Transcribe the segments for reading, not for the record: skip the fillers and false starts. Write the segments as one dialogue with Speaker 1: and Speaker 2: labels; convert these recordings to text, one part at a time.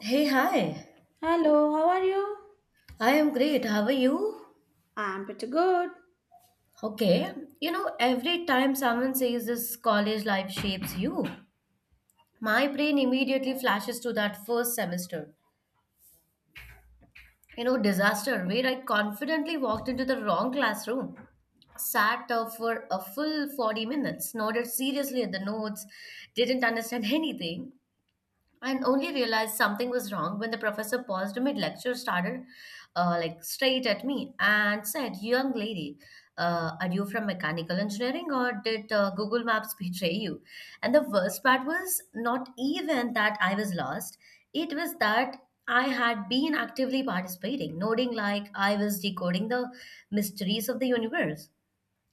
Speaker 1: Hey, hi.
Speaker 2: Hello, how are you?
Speaker 1: I am great. How are you?
Speaker 2: I'm pretty good.
Speaker 1: Okay. You know, every time someone says this college life shapes you, my brain immediately flashes to that first semester. You know, disaster where I confidently walked into the wrong classroom, sat for a full 40 minutes, nodded seriously at the notes, didn't understand anything, and only realized something was wrong when the professor paused mid lecture, started like straight at me, and said, "Young lady, are you from mechanical engineering, or did Google Maps betray you?" And the worst part was not even that I was lost; it was that I had been actively participating, nodding like I was decoding the mysteries of the universe.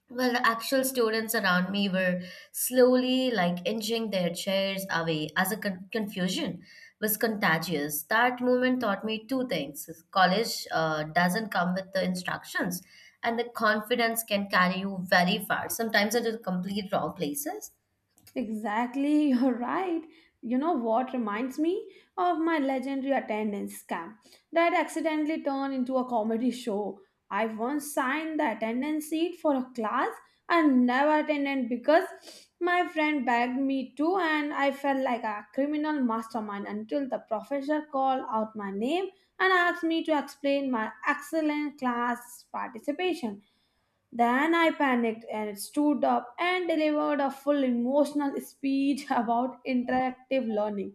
Speaker 1: Well, the actual students around me were slowly like inching their chairs away as a confusion was contagious. That moment taught me two things. College doesn't come with the instructions, and the confidence can carry you very far, sometimes into the complete wrong places.
Speaker 2: Exactly, you're right. You know what reminds me of my legendary attendance scam that accidentally turned into a comedy show. I once signed the attendance sheet for a class and never attended because my friend begged me to, and I felt like a criminal mastermind until the professor called out my name and asked me to explain my excellent class participation. Then I panicked and stood up and delivered a full emotional speech about interactive learning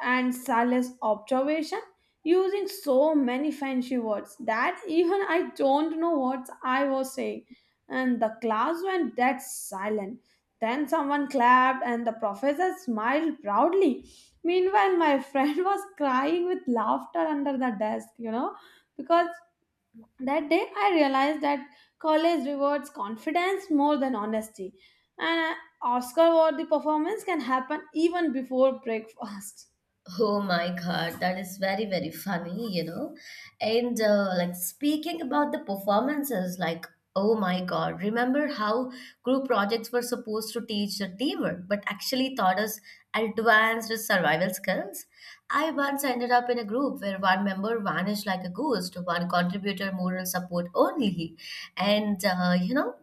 Speaker 2: and Sally's observation using so many fancy words that even I don't know what I was saying. And the class went dead silent. Then someone clapped and the professor smiled proudly. Meanwhile, my friend was crying with laughter under the desk, because that day, I realized that college rewards confidence more than honesty, and Oscar award the performance can happen even before breakfast.
Speaker 1: Oh my God, that is very, very funny, you know. And like speaking about the performances, like, oh my God, remember how group projects were supposed to teach the teamwork, but actually taught us advanced survival skills? I once ended up in a group where one member vanished like a ghost, one contributor moral support only. And, uh, you know,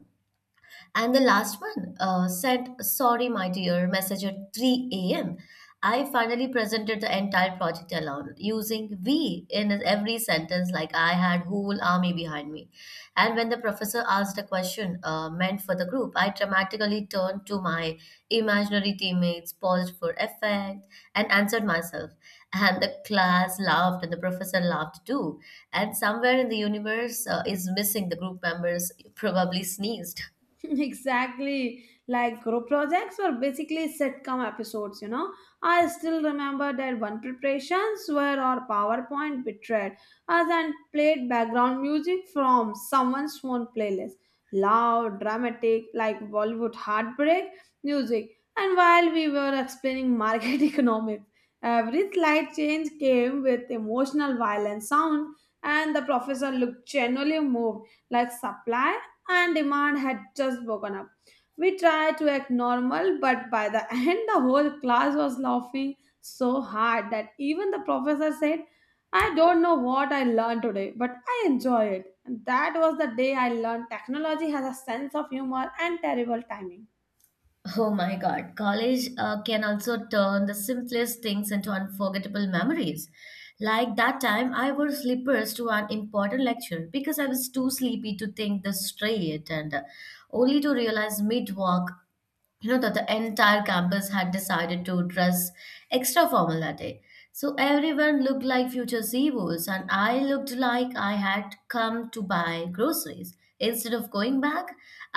Speaker 1: and the last one sent, sorry, my dear, message at 3 a.m. I finally presented the entire project alone, using we in every sentence, like I had whole army behind me. And when the professor asked a question meant for the group, I dramatically turned to my imaginary teammates, paused for effect, and answered myself. And the class laughed, and the professor laughed too. And somewhere in the universe is missing the group members, probably sneezed.
Speaker 2: Exactly. Like group projects were basically sitcom episodes, you know. I still remember that one preparations where our PowerPoint betrayed us and played background music from someone's phone playlist. Loud, dramatic, like Bollywood heartbreak music. And while we were explaining market economics, every slight change came with emotional violent sound and the professor looked genuinely moved like supply and demand had just broken up. We tried to act normal, but by the end, the whole class was laughing so hard that even the professor said, "I don't know what I learned today, but I enjoy it." And that was the day I learned technology has a sense of humor and terrible timing.
Speaker 1: Oh my God, college can also turn the simplest things into unforgettable memories. Like that time, I wore slippers to an important lecture because I was too sleepy to think this straight and only to realize mid walk, you know, that the entire campus had decided to dress extra formal that day, so everyone looked like future ceos and I looked like I had come to buy groceries instead of going back.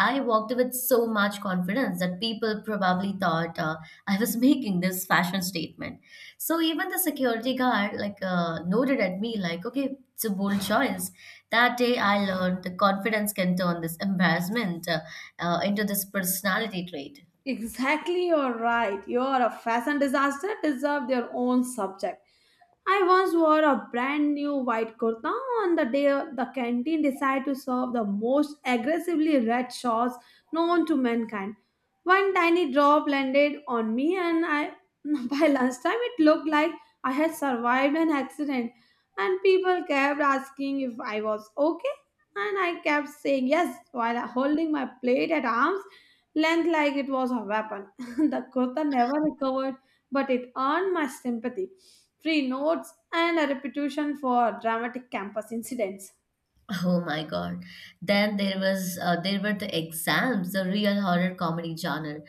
Speaker 1: I walked with so much confidence that people probably thought I was making this fashion statement, so even the security guard like noted at me like, okay, it's a bold choice. That day I learned the confidence can turn this embarrassment into this personality trait.
Speaker 2: Exactly, you're right. You're a fashion disaster, deserve their own subject. I once wore a brand new white kurta on the day the canteen decided to serve the most aggressively red sauce known to mankind. One tiny drop landed on me, and I by lunchtime it looked like I had survived an accident. And people kept asking if I was okay, and I kept saying yes while holding my plate at arm's length like it was a weapon. The kurta never recovered, but it earned my sympathy, free notes, and a reputation for dramatic campus incidents.
Speaker 1: Oh my God. Then there was there were the exams, the real horror comedy genre.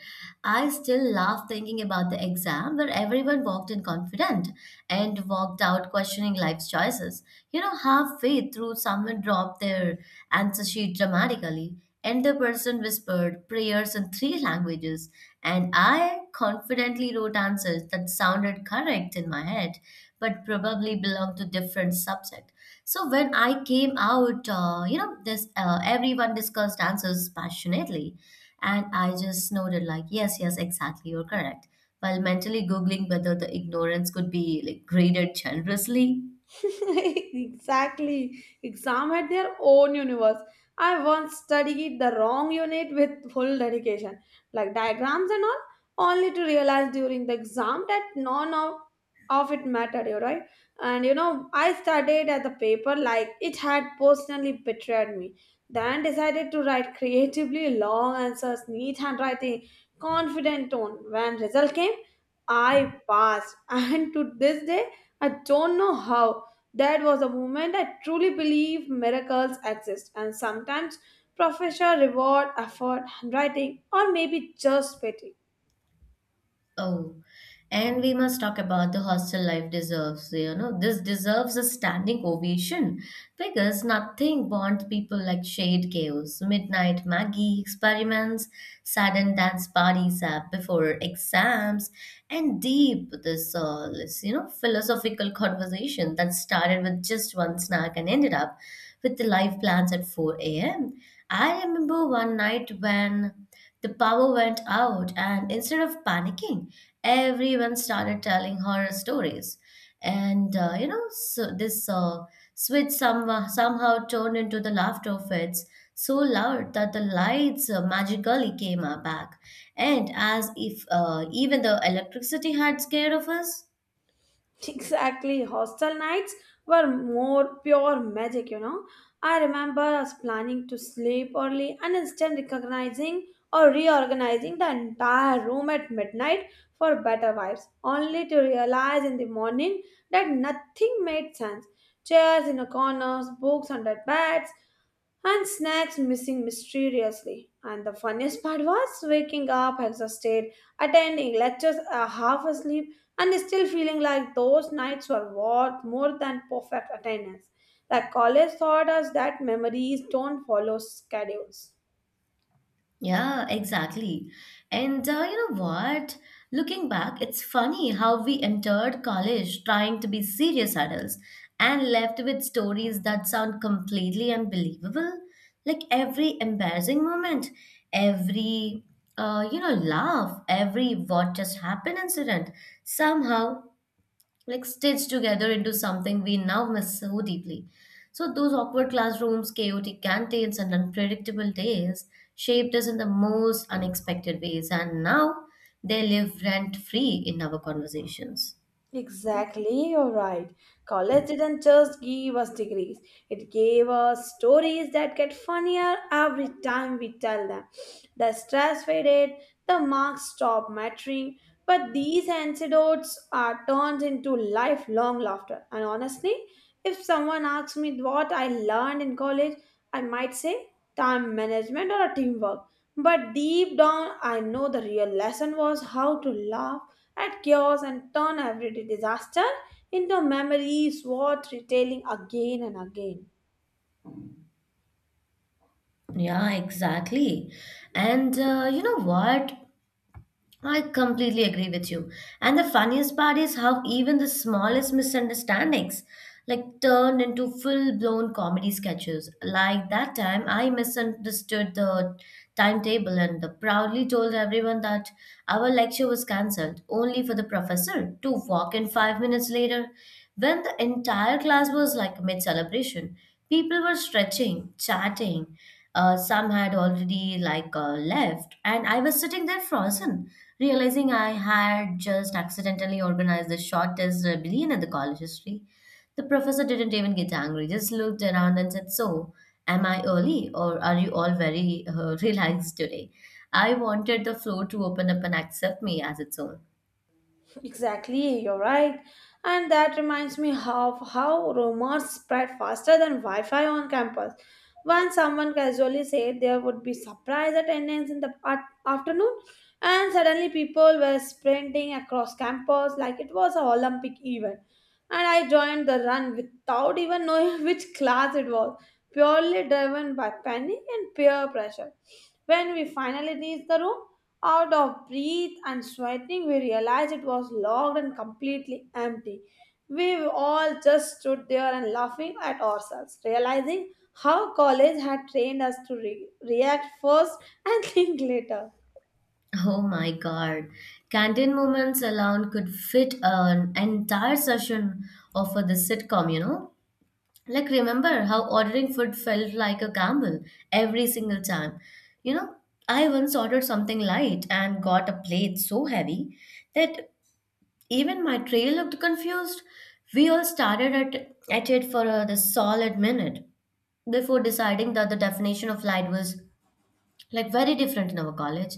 Speaker 1: I still laugh thinking about the exam where everyone walked in confident and walked out questioning life's choices. You know, halfway through someone dropped their answer sheet dramatically and the person whispered prayers in three languages and I confidently wrote answers that sounded correct in my head but probably belonged to different subjects. So when I came out, you know, this everyone discussed answers passionately, and I just nodded like, yes, yes, exactly, you're correct. While mentally googling whether the ignorance could be like graded generously.
Speaker 2: Exactly. Exam had their own universe. I once studied the wrong unit with full dedication, like diagrams and all, only to realize during the exam that none of, of it mattered, you right? And you know, I studied at the paper like it had personally betrayed me. Then decided to write creatively long answers, neat handwriting, confident tone. When result came, I passed, and to this day, I don't know how. That was a moment I truly believe miracles exist, and sometimes professor reward effort, handwriting, or maybe just pity.
Speaker 1: Oh, and we must talk about the hostel life deserves, you know, this deserves a standing ovation because nothing bonds people like shade chaos, midnight Maggie experiments, sudden dance parties up before exams, and deep this all is, you know, philosophical conversation that started with just one snack and ended up with the life plans at 4 a.m. I remember one night when the power went out, and instead of panicking, everyone started telling horror stories. And you know, so this switch somehow turned into the laughter of it so loud that the lights magically came back. And as if even the electricity had scared of us.
Speaker 2: Exactly. Hostel nights were more pure magic, you know. I remember us planning to sleep early and instead recognizing or reorganizing the entire room at midnight for better vibes, only to realize in the morning that nothing made sense. Chairs in the corners, books under beds, and snacks missing mysteriously. And the funniest part was waking up exhausted, attending lectures half asleep, and still feeling like those nights were worth more than perfect attendance. Like college taught us that memories don't follow schedules.
Speaker 1: Yeah, exactly. And you know what? Looking back, it's funny how we entered college trying to be serious adults and left with stories that sound completely unbelievable. Like every embarrassing moment, every laugh, every what just happened incident somehow like stitched together into something we now miss so deeply. So those awkward classrooms, chaotic canteens, and unpredictable days shaped us in the most unexpected ways, and now they live rent free in our conversations.
Speaker 2: Exactly, you're right. College didn't just give us degrees, it gave us stories that get funnier every time we tell them. The stress faded, the marks stopped mattering, but these anecdotes are turned into lifelong laughter. And honestly, if someone asks me what I learned in college, I might say time management or teamwork. But deep down, I know the real lesson was how to laugh at chaos and turn everyday disaster into memories worth retelling again and again.
Speaker 1: Yeah, exactly. And you know what? I completely agree with you. And the funniest part is how even the smallest misunderstandings like turned into full-blown comedy sketches. Like that time I misunderstood the timetable and proudly told everyone that our lecture was cancelled only for the professor to walk in 5 minutes later when the entire class was like mid celebration. People were stretching, chatting. Some had already like left and I was sitting there frozen realizing I had just accidentally organized the shortest rebellion in the college history. The professor didn't even get angry, just looked around and said, "So, am I early or are you all very relaxed today?" I wanted the floor to open up and accept me as its own.
Speaker 2: Exactly, you're right. And that reminds me of how rumors spread faster than Wi Fi on campus. Once someone casually said there would be surprise attendance in the afternoon, and suddenly people were sprinting across campus like it was an Olympic event. And I joined the run without even knowing which class it was, purely driven by panic and peer pressure. When we finally reached the room, out of breath and sweating, we realized it was locked and completely empty. We all just stood there and laughing at ourselves, realizing how college had trained us to react first and think later.
Speaker 1: Oh my god. Canteen moments alone could fit an entire session of the sitcom, you know? Like, remember how ordering food felt like a gamble every single time? You know, I once ordered something light and got a plate so heavy that even my tray looked confused. We all started at it for the solid minute before deciding that the definition of light was like very different in our college.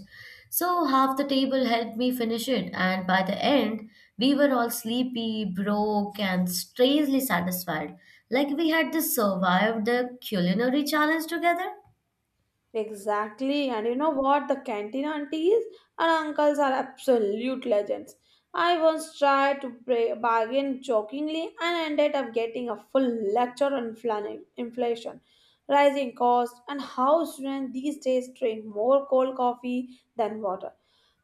Speaker 1: So half the table helped me finish it, and by the end, we were all sleepy, broke, and strangely satisfied, like we had just survived the culinary challenge together.
Speaker 2: Exactly, and you know what? The canteen aunties and uncles are absolute legends. I once tried to pray, bargain jokingly and ended up getting a full lecture on inflation, rising costs, and how students these days drink more cold coffee than water.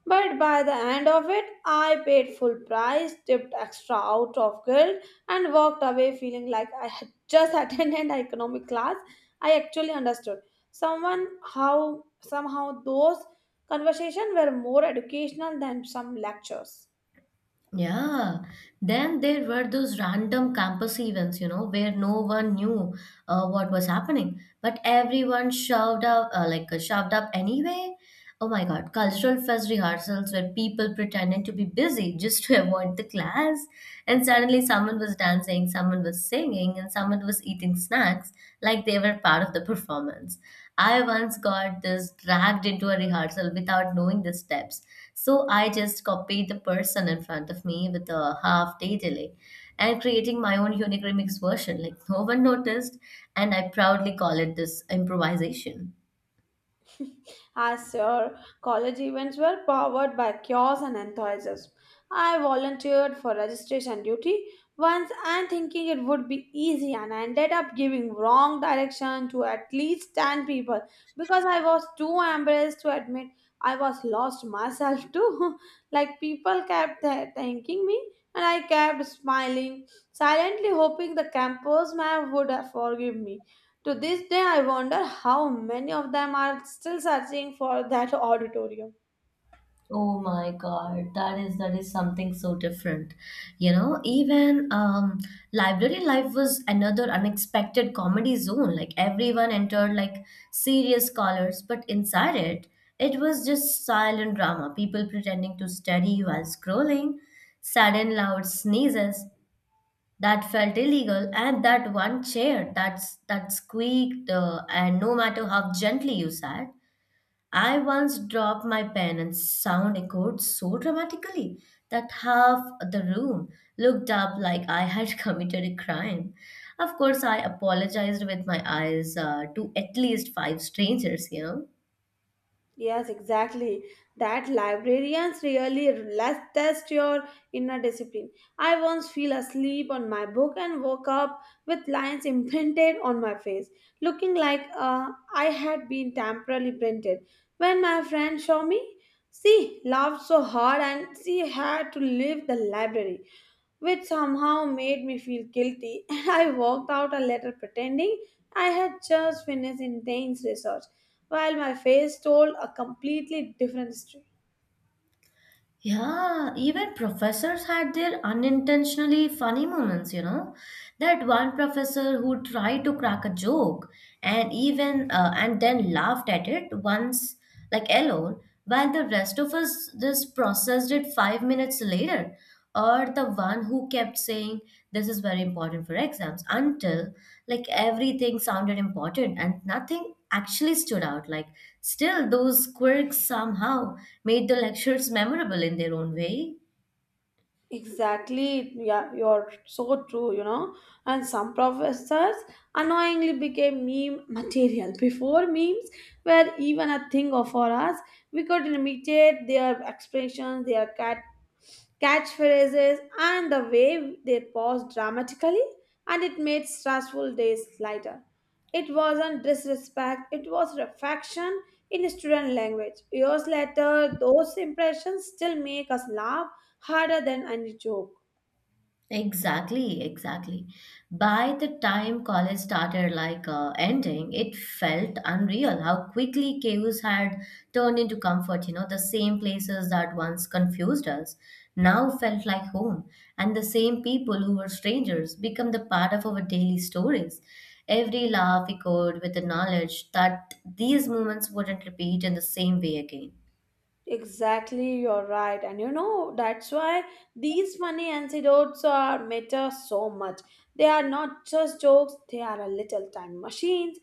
Speaker 2: But by the end of it, I paid full price, tipped extra out of guilt, and walked away feeling like I had just attended an economic class. I actually understood. Someone how somehow those conversations were more educational than some lectures.
Speaker 1: Yeah. Then there were those random campus events, you know, where no one knew what was happening, but everyone shoved up, shoved up anyway. Oh my God, cultural fest rehearsals where people pretended to be busy just to avoid the class, and suddenly someone was dancing, someone was singing, and someone was eating snacks like they were part of the performance. I once got this dragged into a rehearsal without knowing the steps. So I just copied the person in front of me with a half day delay and creating my own unique remix version. Like no one noticed, and I proudly call it this improvisation.
Speaker 2: As your college events were powered by chaos and enthusiasm, I volunteered for registration duty once and thinking it would be easy and I ended up giving wrong direction to at least 10 people because I was too embarrassed to admit I was lost myself too. Like people kept thanking me and I kept smiling, silently hoping the campus man would forgive me. To this day, I wonder how many of them are still searching for that auditorium.
Speaker 1: Oh my God, that is, that is something so different. You know, even library life was another unexpected comedy zone. Like everyone entered like serious scholars, but inside it, it was just silent drama. People pretending to study while scrolling, sudden loud sneezes that felt illegal, and that one chair that squeaked, and no matter how gently you sat, I once dropped my pen and sound echoed so dramatically that half the room looked up like I had committed a crime. Of course, I apologized with my eyes to at least five strangers, you know.
Speaker 2: Yes, exactly. That librarians really let's test your inner discipline. I once fell asleep on my book and woke up with lines imprinted on my face, looking like I had been temporarily printed. When my friend saw me, she laughed so hard and she had to leave the library, which somehow made me feel guilty, and I walked out a letter pretending I had just finished intense research, while my face told a completely different story.
Speaker 1: Yeah, even professors had their unintentionally funny moments, you know. That one professor who tried to crack a joke and even and then laughed at it once, like alone, while the rest of us just processed it 5 minutes later. Or the one who kept saying this is very important for exams until like everything sounded important and nothing actually stood out. Like still, those quirks somehow made the lectures memorable in their own way.
Speaker 2: Exactly, yeah, you're so true, you know. And some professors annoyingly became meme material. Before memes were even a thing of for us, we could imitate their expressions, their catchphrases, and the way they paused dramatically, and it made stressful days lighter. It wasn't disrespect, it was reflection in student language. Years later, those impressions still make us laugh harder than any joke.
Speaker 1: Exactly, exactly. By the time college started like ending, it felt unreal how quickly chaos had turned into comfort. You know, the same places that once confused us now felt like home, and the same people who were strangers become the part of our daily stories. Every laugh echoed with the knowledge that these moments wouldn't repeat in the same way again.
Speaker 2: Exactly, you're right. And you know, that's why these funny anecdotes are matter so much. They are not just jokes, they are a little time machines.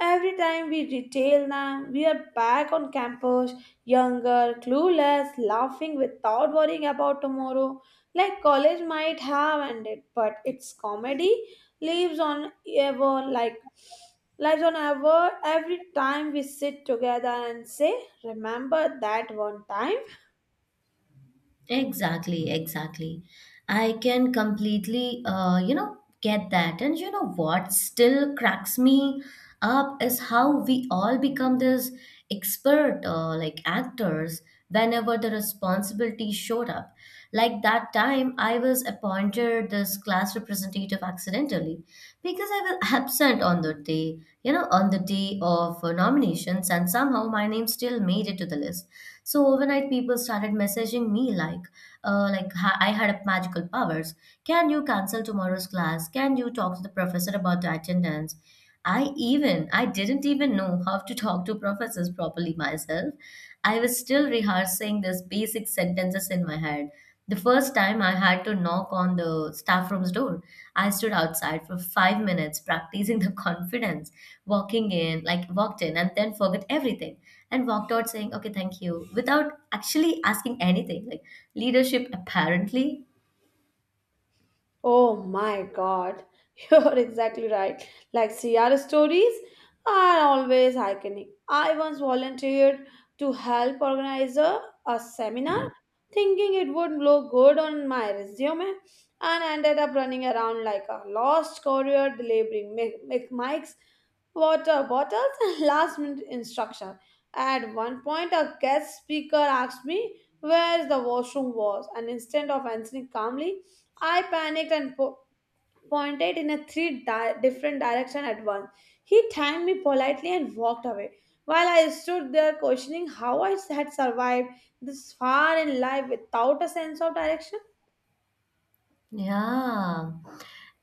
Speaker 2: Every time we retail them, we are back on campus, younger, clueless, laughing without worrying about tomorrow. Like college might have ended, but its comedy lives on ever like lives on ever every time we sit together and say, "Remember that one time?"
Speaker 1: Exactly, exactly. I can completely, you know, get that. And you know what still cracks me up is how we all become this expert, like actors, whenever the responsibility showed up. Like that time, I was appointed this class representative accidentally because I was absent on the day, you know, on the day of nominations, and somehow my name still made it to the list. So overnight, people started messaging me like, I had magical powers. Can you cancel tomorrow's class? Can you talk to the professor about the attendance? I didn't even know how to talk to professors properly myself. I was still rehearsing these basic sentences in my head. The first time I had to knock on the staff room's door, I stood outside for 5 minutes practicing the confidence, walking in, like walked in and then forgot everything and walked out saying, okay, thank you, without actually asking anything. Like leadership apparently
Speaker 2: Oh my god, you're exactly right. Like Sierra stories are always iconic. I once volunteered to help organize a seminar thinking it would look good on my resume and ended up running around like a lost courier delivering mics, water bottles, and last minute instruction. At one point, a guest speaker asked me where the washroom was, and instead of answering calmly, I panicked and pointed in a three different direction at once. He thanked me politely and walked away, while I stood there questioning how I had survived this far in life without a sense of direction.
Speaker 1: Yeah.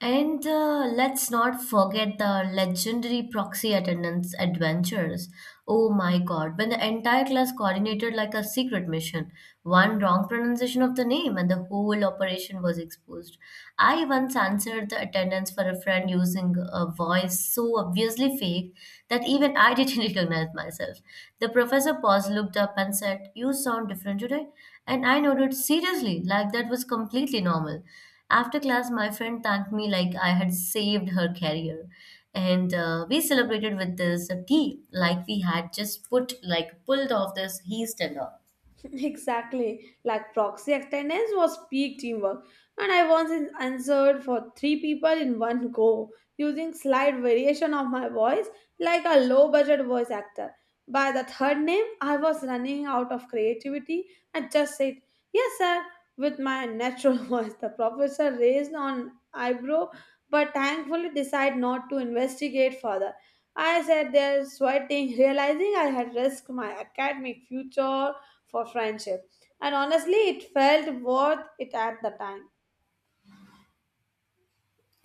Speaker 1: And let's not forget the legendary proxy attendance adventures. Oh my God, when the entire class coordinated like a secret mission, one wrong pronunciation of the name and the whole operation was exposed. I once answered the attendance for a friend using a voice so obviously fake that even I didn't recognize myself. The professor paused, looked up, and said, You sound different today. And I nodded seriously, like that was completely normal. After class, my friend thanked me like I had saved her career. And we celebrated with this tea, like we had just put, like pulled off this heist and all.
Speaker 2: Exactly. Like proxy attendance was peak teamwork. And I once answered for three people in one go using slight variation of my voice like a low budget voice actor. By the third name, I was running out of creativity and just said, "Yes, sir," with my natural voice. The professor raised an eyebrow but thankfully decided not to investigate further. I sat there sweating, realizing I had risked my academic future for friendship. And honestly, it felt worth it at the time.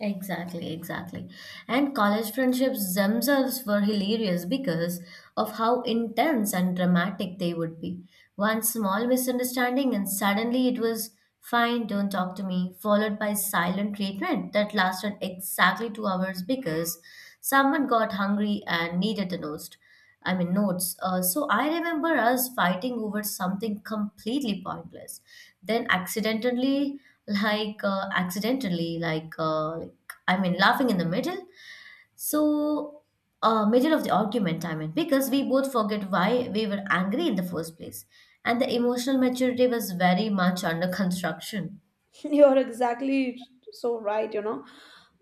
Speaker 1: Exactly, exactly. And college friendships themselves were hilarious because of how intense and dramatic they would be. One small misunderstanding, and suddenly it was fine, don't talk to me, followed by silent treatment that lasted exactly 2 hours because someone got hungry and needed the toast. I mean, notes. So I remember us fighting over something completely pointless. Then accidentally, like, I mean, laughing in the middle. So, middle of the argument, I mean, because we both forget why we were angry in the first place. And the emotional maturity was very much under construction.
Speaker 2: You're exactly so right, you know.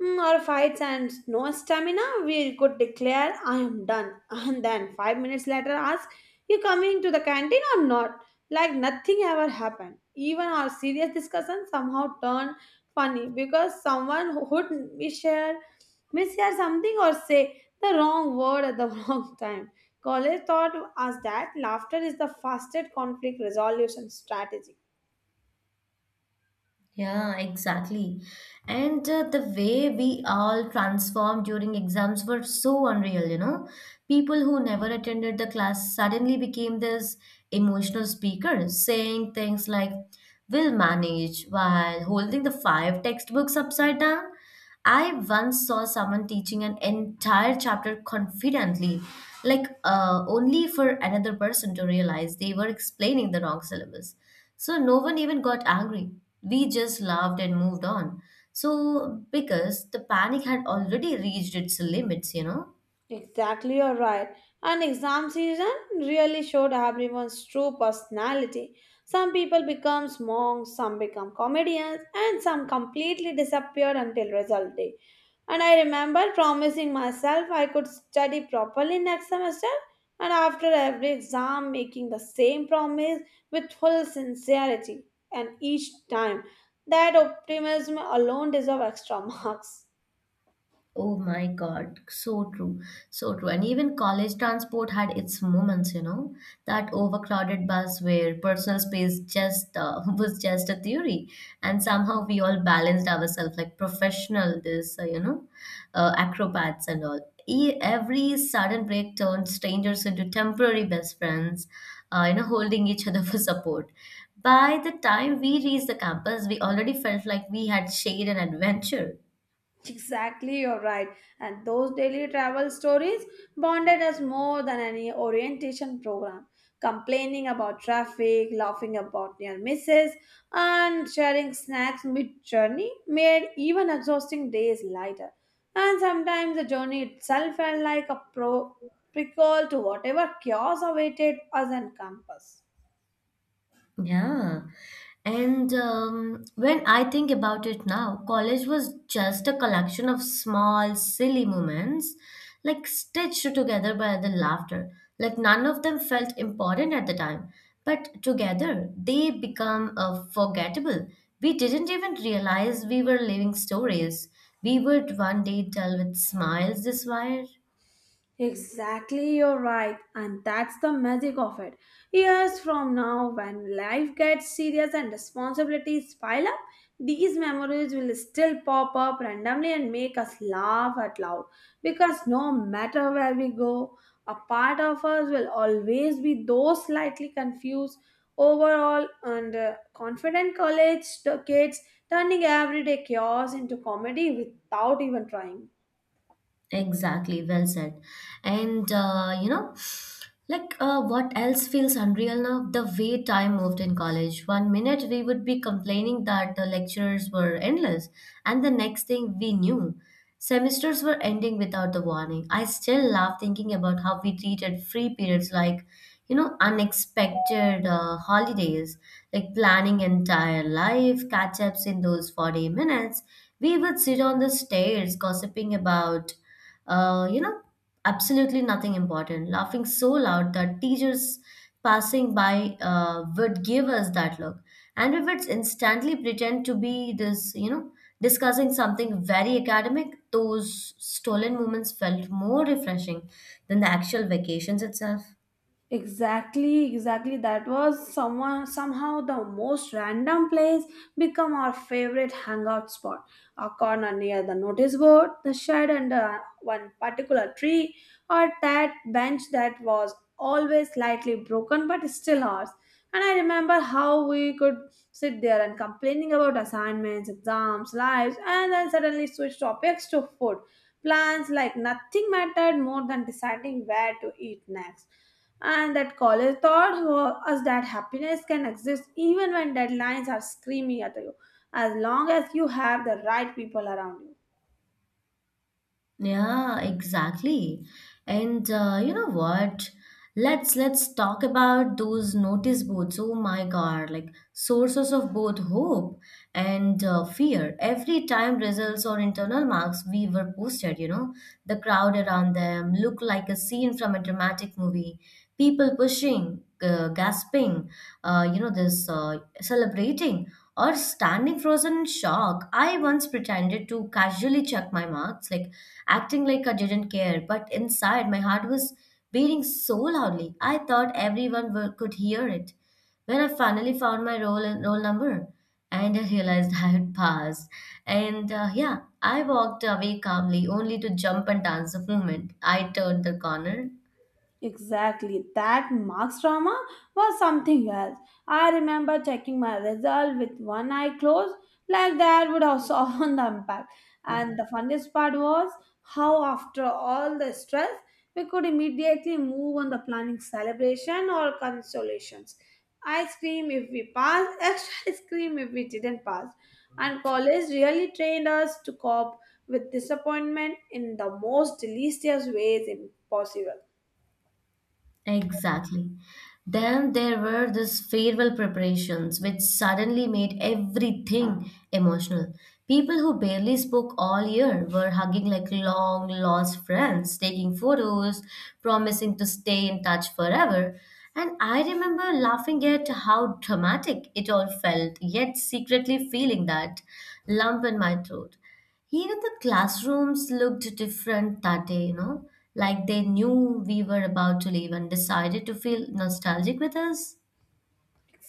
Speaker 2: Our fights and no stamina, we could declare, "I am done." And then 5 minutes later, ask, "You coming to the canteen or not?" Like nothing ever happened. Even our serious discussion somehow turned funny because someone who would misshare, misshare something or say the wrong word at the wrong time. College taught us that laughter is the fastest conflict resolution strategy.
Speaker 1: Yeah, exactly. And the way we all transformed during exams were so unreal, you know. People who never attended the class suddenly became this emotional speakers, saying things like, We'll manage, while holding the five textbooks upside down. I once saw someone teaching an entire chapter confidently, like only for another person to realize they were explaining the wrong syllabus. So no one even got angry. We just laughed and moved on. So, because the panic had already reached its limits, you know.
Speaker 2: Exactly, you're right. And exam season really showed everyone's true personality. Some people become monks, some become comedians, and some completely disappear until result day. And I remember promising myself I could study properly next semester, and after every exam, making the same promise with full sincerity. And each time, that optimism alone deserves extra marks.
Speaker 1: Oh my God, so true, so true. And even college transport had its moments, you know, that overcrowded bus where personal space just was just a theory, and somehow we all balanced ourselves like professional, this acrobats and all. Every sudden break turned strangers into temporary best friends, holding each other for support. By the time we reached the campus, we already felt like we had shared an adventure.
Speaker 2: Exactly, you're right. And those daily travel stories bonded us more than any orientation program. Complaining about traffic, laughing about near misses, and sharing snacks mid journey made even exhausting days lighter. And sometimes the journey itself felt like a prequel to whatever chaos awaited us on campus.
Speaker 1: Yeah. And when I think about it now, college was just a collection of small, silly moments, like stitched together by the laughter. Like none of them felt important at the time, but together they become forgettable. We didn't even realize we were living stories. We would one day tell with smiles this wire.
Speaker 2: Exactly, you're right, and that's the magic of it. Years from now, when life gets serious and responsibilities pile up, these memories will still pop up randomly and make us laugh out loud. Because no matter where we go, a part of us will always be those slightly confused, overall, and confident college kids turning everyday chaos into comedy without even trying.
Speaker 1: Exactly, well said. And what else feels unreal now? The way time moved in college. One minute we would be complaining that the lectures were endless, and the next thing we knew, semesters were ending without the warning. I still laugh thinking about how we treated free periods like, you know, unexpected holidays, like planning entire life, catch ups in those 40 minutes. We would sit on the stairs gossiping about uh, you know, absolutely nothing important, laughing so loud that teachers passing by would give us that look. And we would instantly pretend to be this, you know, discussing something very academic. Those stolen moments felt more refreshing than the actual vacations itself.
Speaker 2: Exactly, exactly. That was someone somehow the most random place become our favorite hangout spot. A corner near the notice board, the shed under one particular tree, or that bench that was always slightly broken but still ours. And I remember how we could sit there and complaining about assignments, exams, lives, and then suddenly switch topics to food. Plans like nothing mattered more than deciding where to eat next, and that college taught us that happiness can exist even when deadlines are screaming at you, as long as you have the right people around you.
Speaker 1: Yeah, exactly. And you know what? Let's talk about those notice boards. Oh my God, like sources of both hope and fear. Every time results or internal marks we were posted, you know, the crowd around them looked like a scene from a dramatic movie. People pushing, gasping, you know, this celebrating or standing frozen in shock. I once pretended to casually check my marks, like acting like I didn't care. But inside, my heart was beating so loudly, I thought everyone were, could hear it. When I finally found my roll number, and I realized I had passed, and yeah, I walked away calmly, only to jump and dance the moment I turned the corner.
Speaker 2: Exactly. That Marx drama was something else. I remember checking my result with one eye closed, like that would have soften the impact. And the funniest part was how, after all the stress, we could immediately move on the planning celebration or consolations. Ice cream if we passed, extra ice cream if we didn't pass. And college really trained us to cope with disappointment in the most delicious ways possible.
Speaker 1: Exactly. Then there were these farewell preparations, which suddenly made everything emotional. People who barely spoke all year were hugging like long lost friends, taking photos, promising to stay in touch forever. And I remember laughing at how dramatic it all felt, yet secretly feeling that lump in my throat. Even the classrooms looked different that day, you know, like they knew we were about to leave and decided to feel nostalgic with us.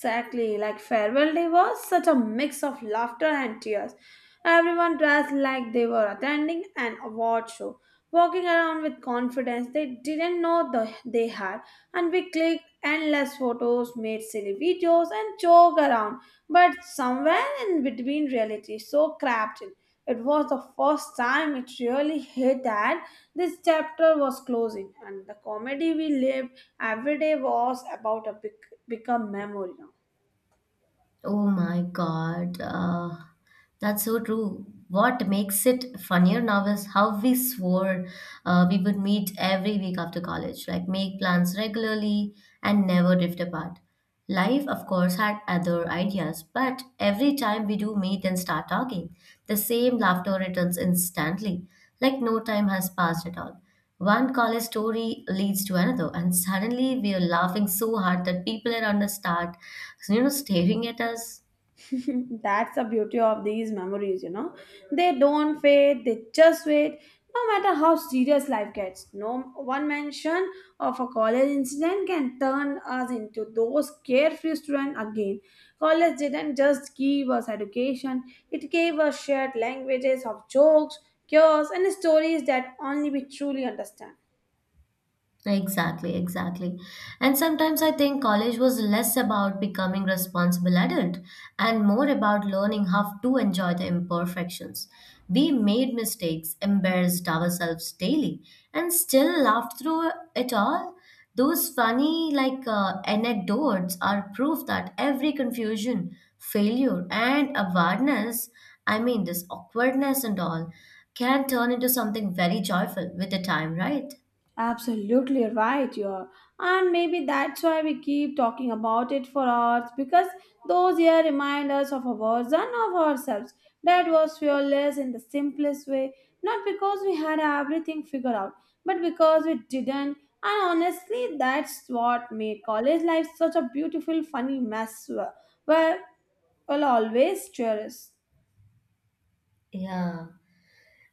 Speaker 2: Exactly, like farewell day was such a mix of laughter and tears. Everyone dressed like they were attending an award show, walking around with confidence they didn't know they had, and we clicked endless photos, made silly videos, and joked around. But somewhere in between, reality so cramped in. It was the first time it really hit that this chapter was closing, and the comedy we lived every day was about to become memory now.
Speaker 1: Oh my God, that's so true. What makes it funnier now is how we swore we would meet every week after college, like make plans regularly and never drift apart. Life, of course, had other ideas, but every time we do meet and start talking, the same laughter returns instantly, like no time has passed at all. One college story leads to another, and suddenly we are laughing so hard that people around us start, you know, staring at us.
Speaker 2: That's the beauty of these memories, you know. They don't fade, they just wait. No matter how serious life gets, no one mention of a college incident can turn us into those carefree students again. College didn't just give us education, it gave us shared languages of jokes, cures, and stories that only we truly understand.
Speaker 1: Exactly, exactly. And sometimes I think college was less about becoming responsible adult and more about learning how to enjoy the imperfections. We made mistakes, embarrassed ourselves daily, and still laughed through it all. Those funny anecdotes are proof that every confusion, failure, and awareness, I mean this awkwardness and all, can turn into something very joyful with the time, right?
Speaker 2: Absolutely right, you are. And maybe that's why we keep talking about it for hours, because those years remind us of our version of ourselves that was fearless in the simplest way, not because we had everything figured out, but because we didn't. And honestly, that's what made college life such a beautiful, funny mess where we'll always cherish.
Speaker 1: Yeah.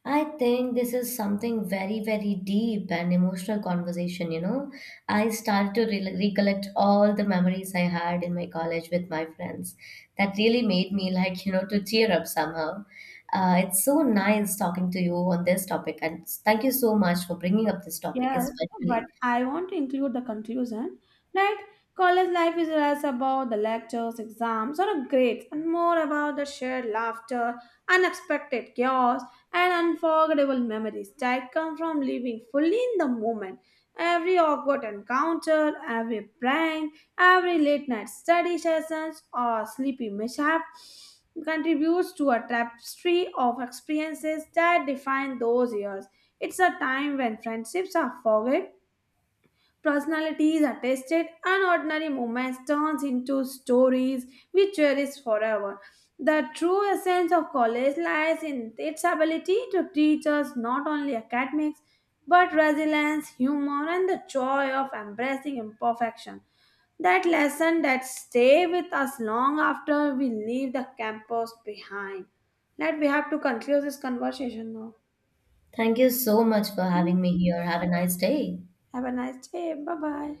Speaker 1: I think this is something very, very deep and emotional conversation, you know. I started to recollect all the memories I had in my college with my friends. That really made me, like, you know, to cheer up somehow. It's so nice talking to you on this topic, and thank you so much for bringing up this topic,
Speaker 2: Yes, but
Speaker 1: especially.
Speaker 2: I want to include the conclusion that college life is less about the lectures, exams, or grades, and more about the shared laughter, unexpected chaos, and unforgettable memories that come from living fully in the moment. Every awkward encounter, every prank, every late night study sessions, or sleepy mishap contributes to a tapestry of experiences that define those years. It's a time when friendships are forged, personalities are tested, and ordinary moments turns into stories we cherish forever. The true essence of college lies in its ability to teach us not only academics but resilience, humor, and the joy of embracing imperfection. That lesson that stay with us long after we leave the campus behind. Let we have to conclude this conversation now.
Speaker 1: Thank you so much for having me here. Have a nice day.
Speaker 2: Have a nice day. Bye bye.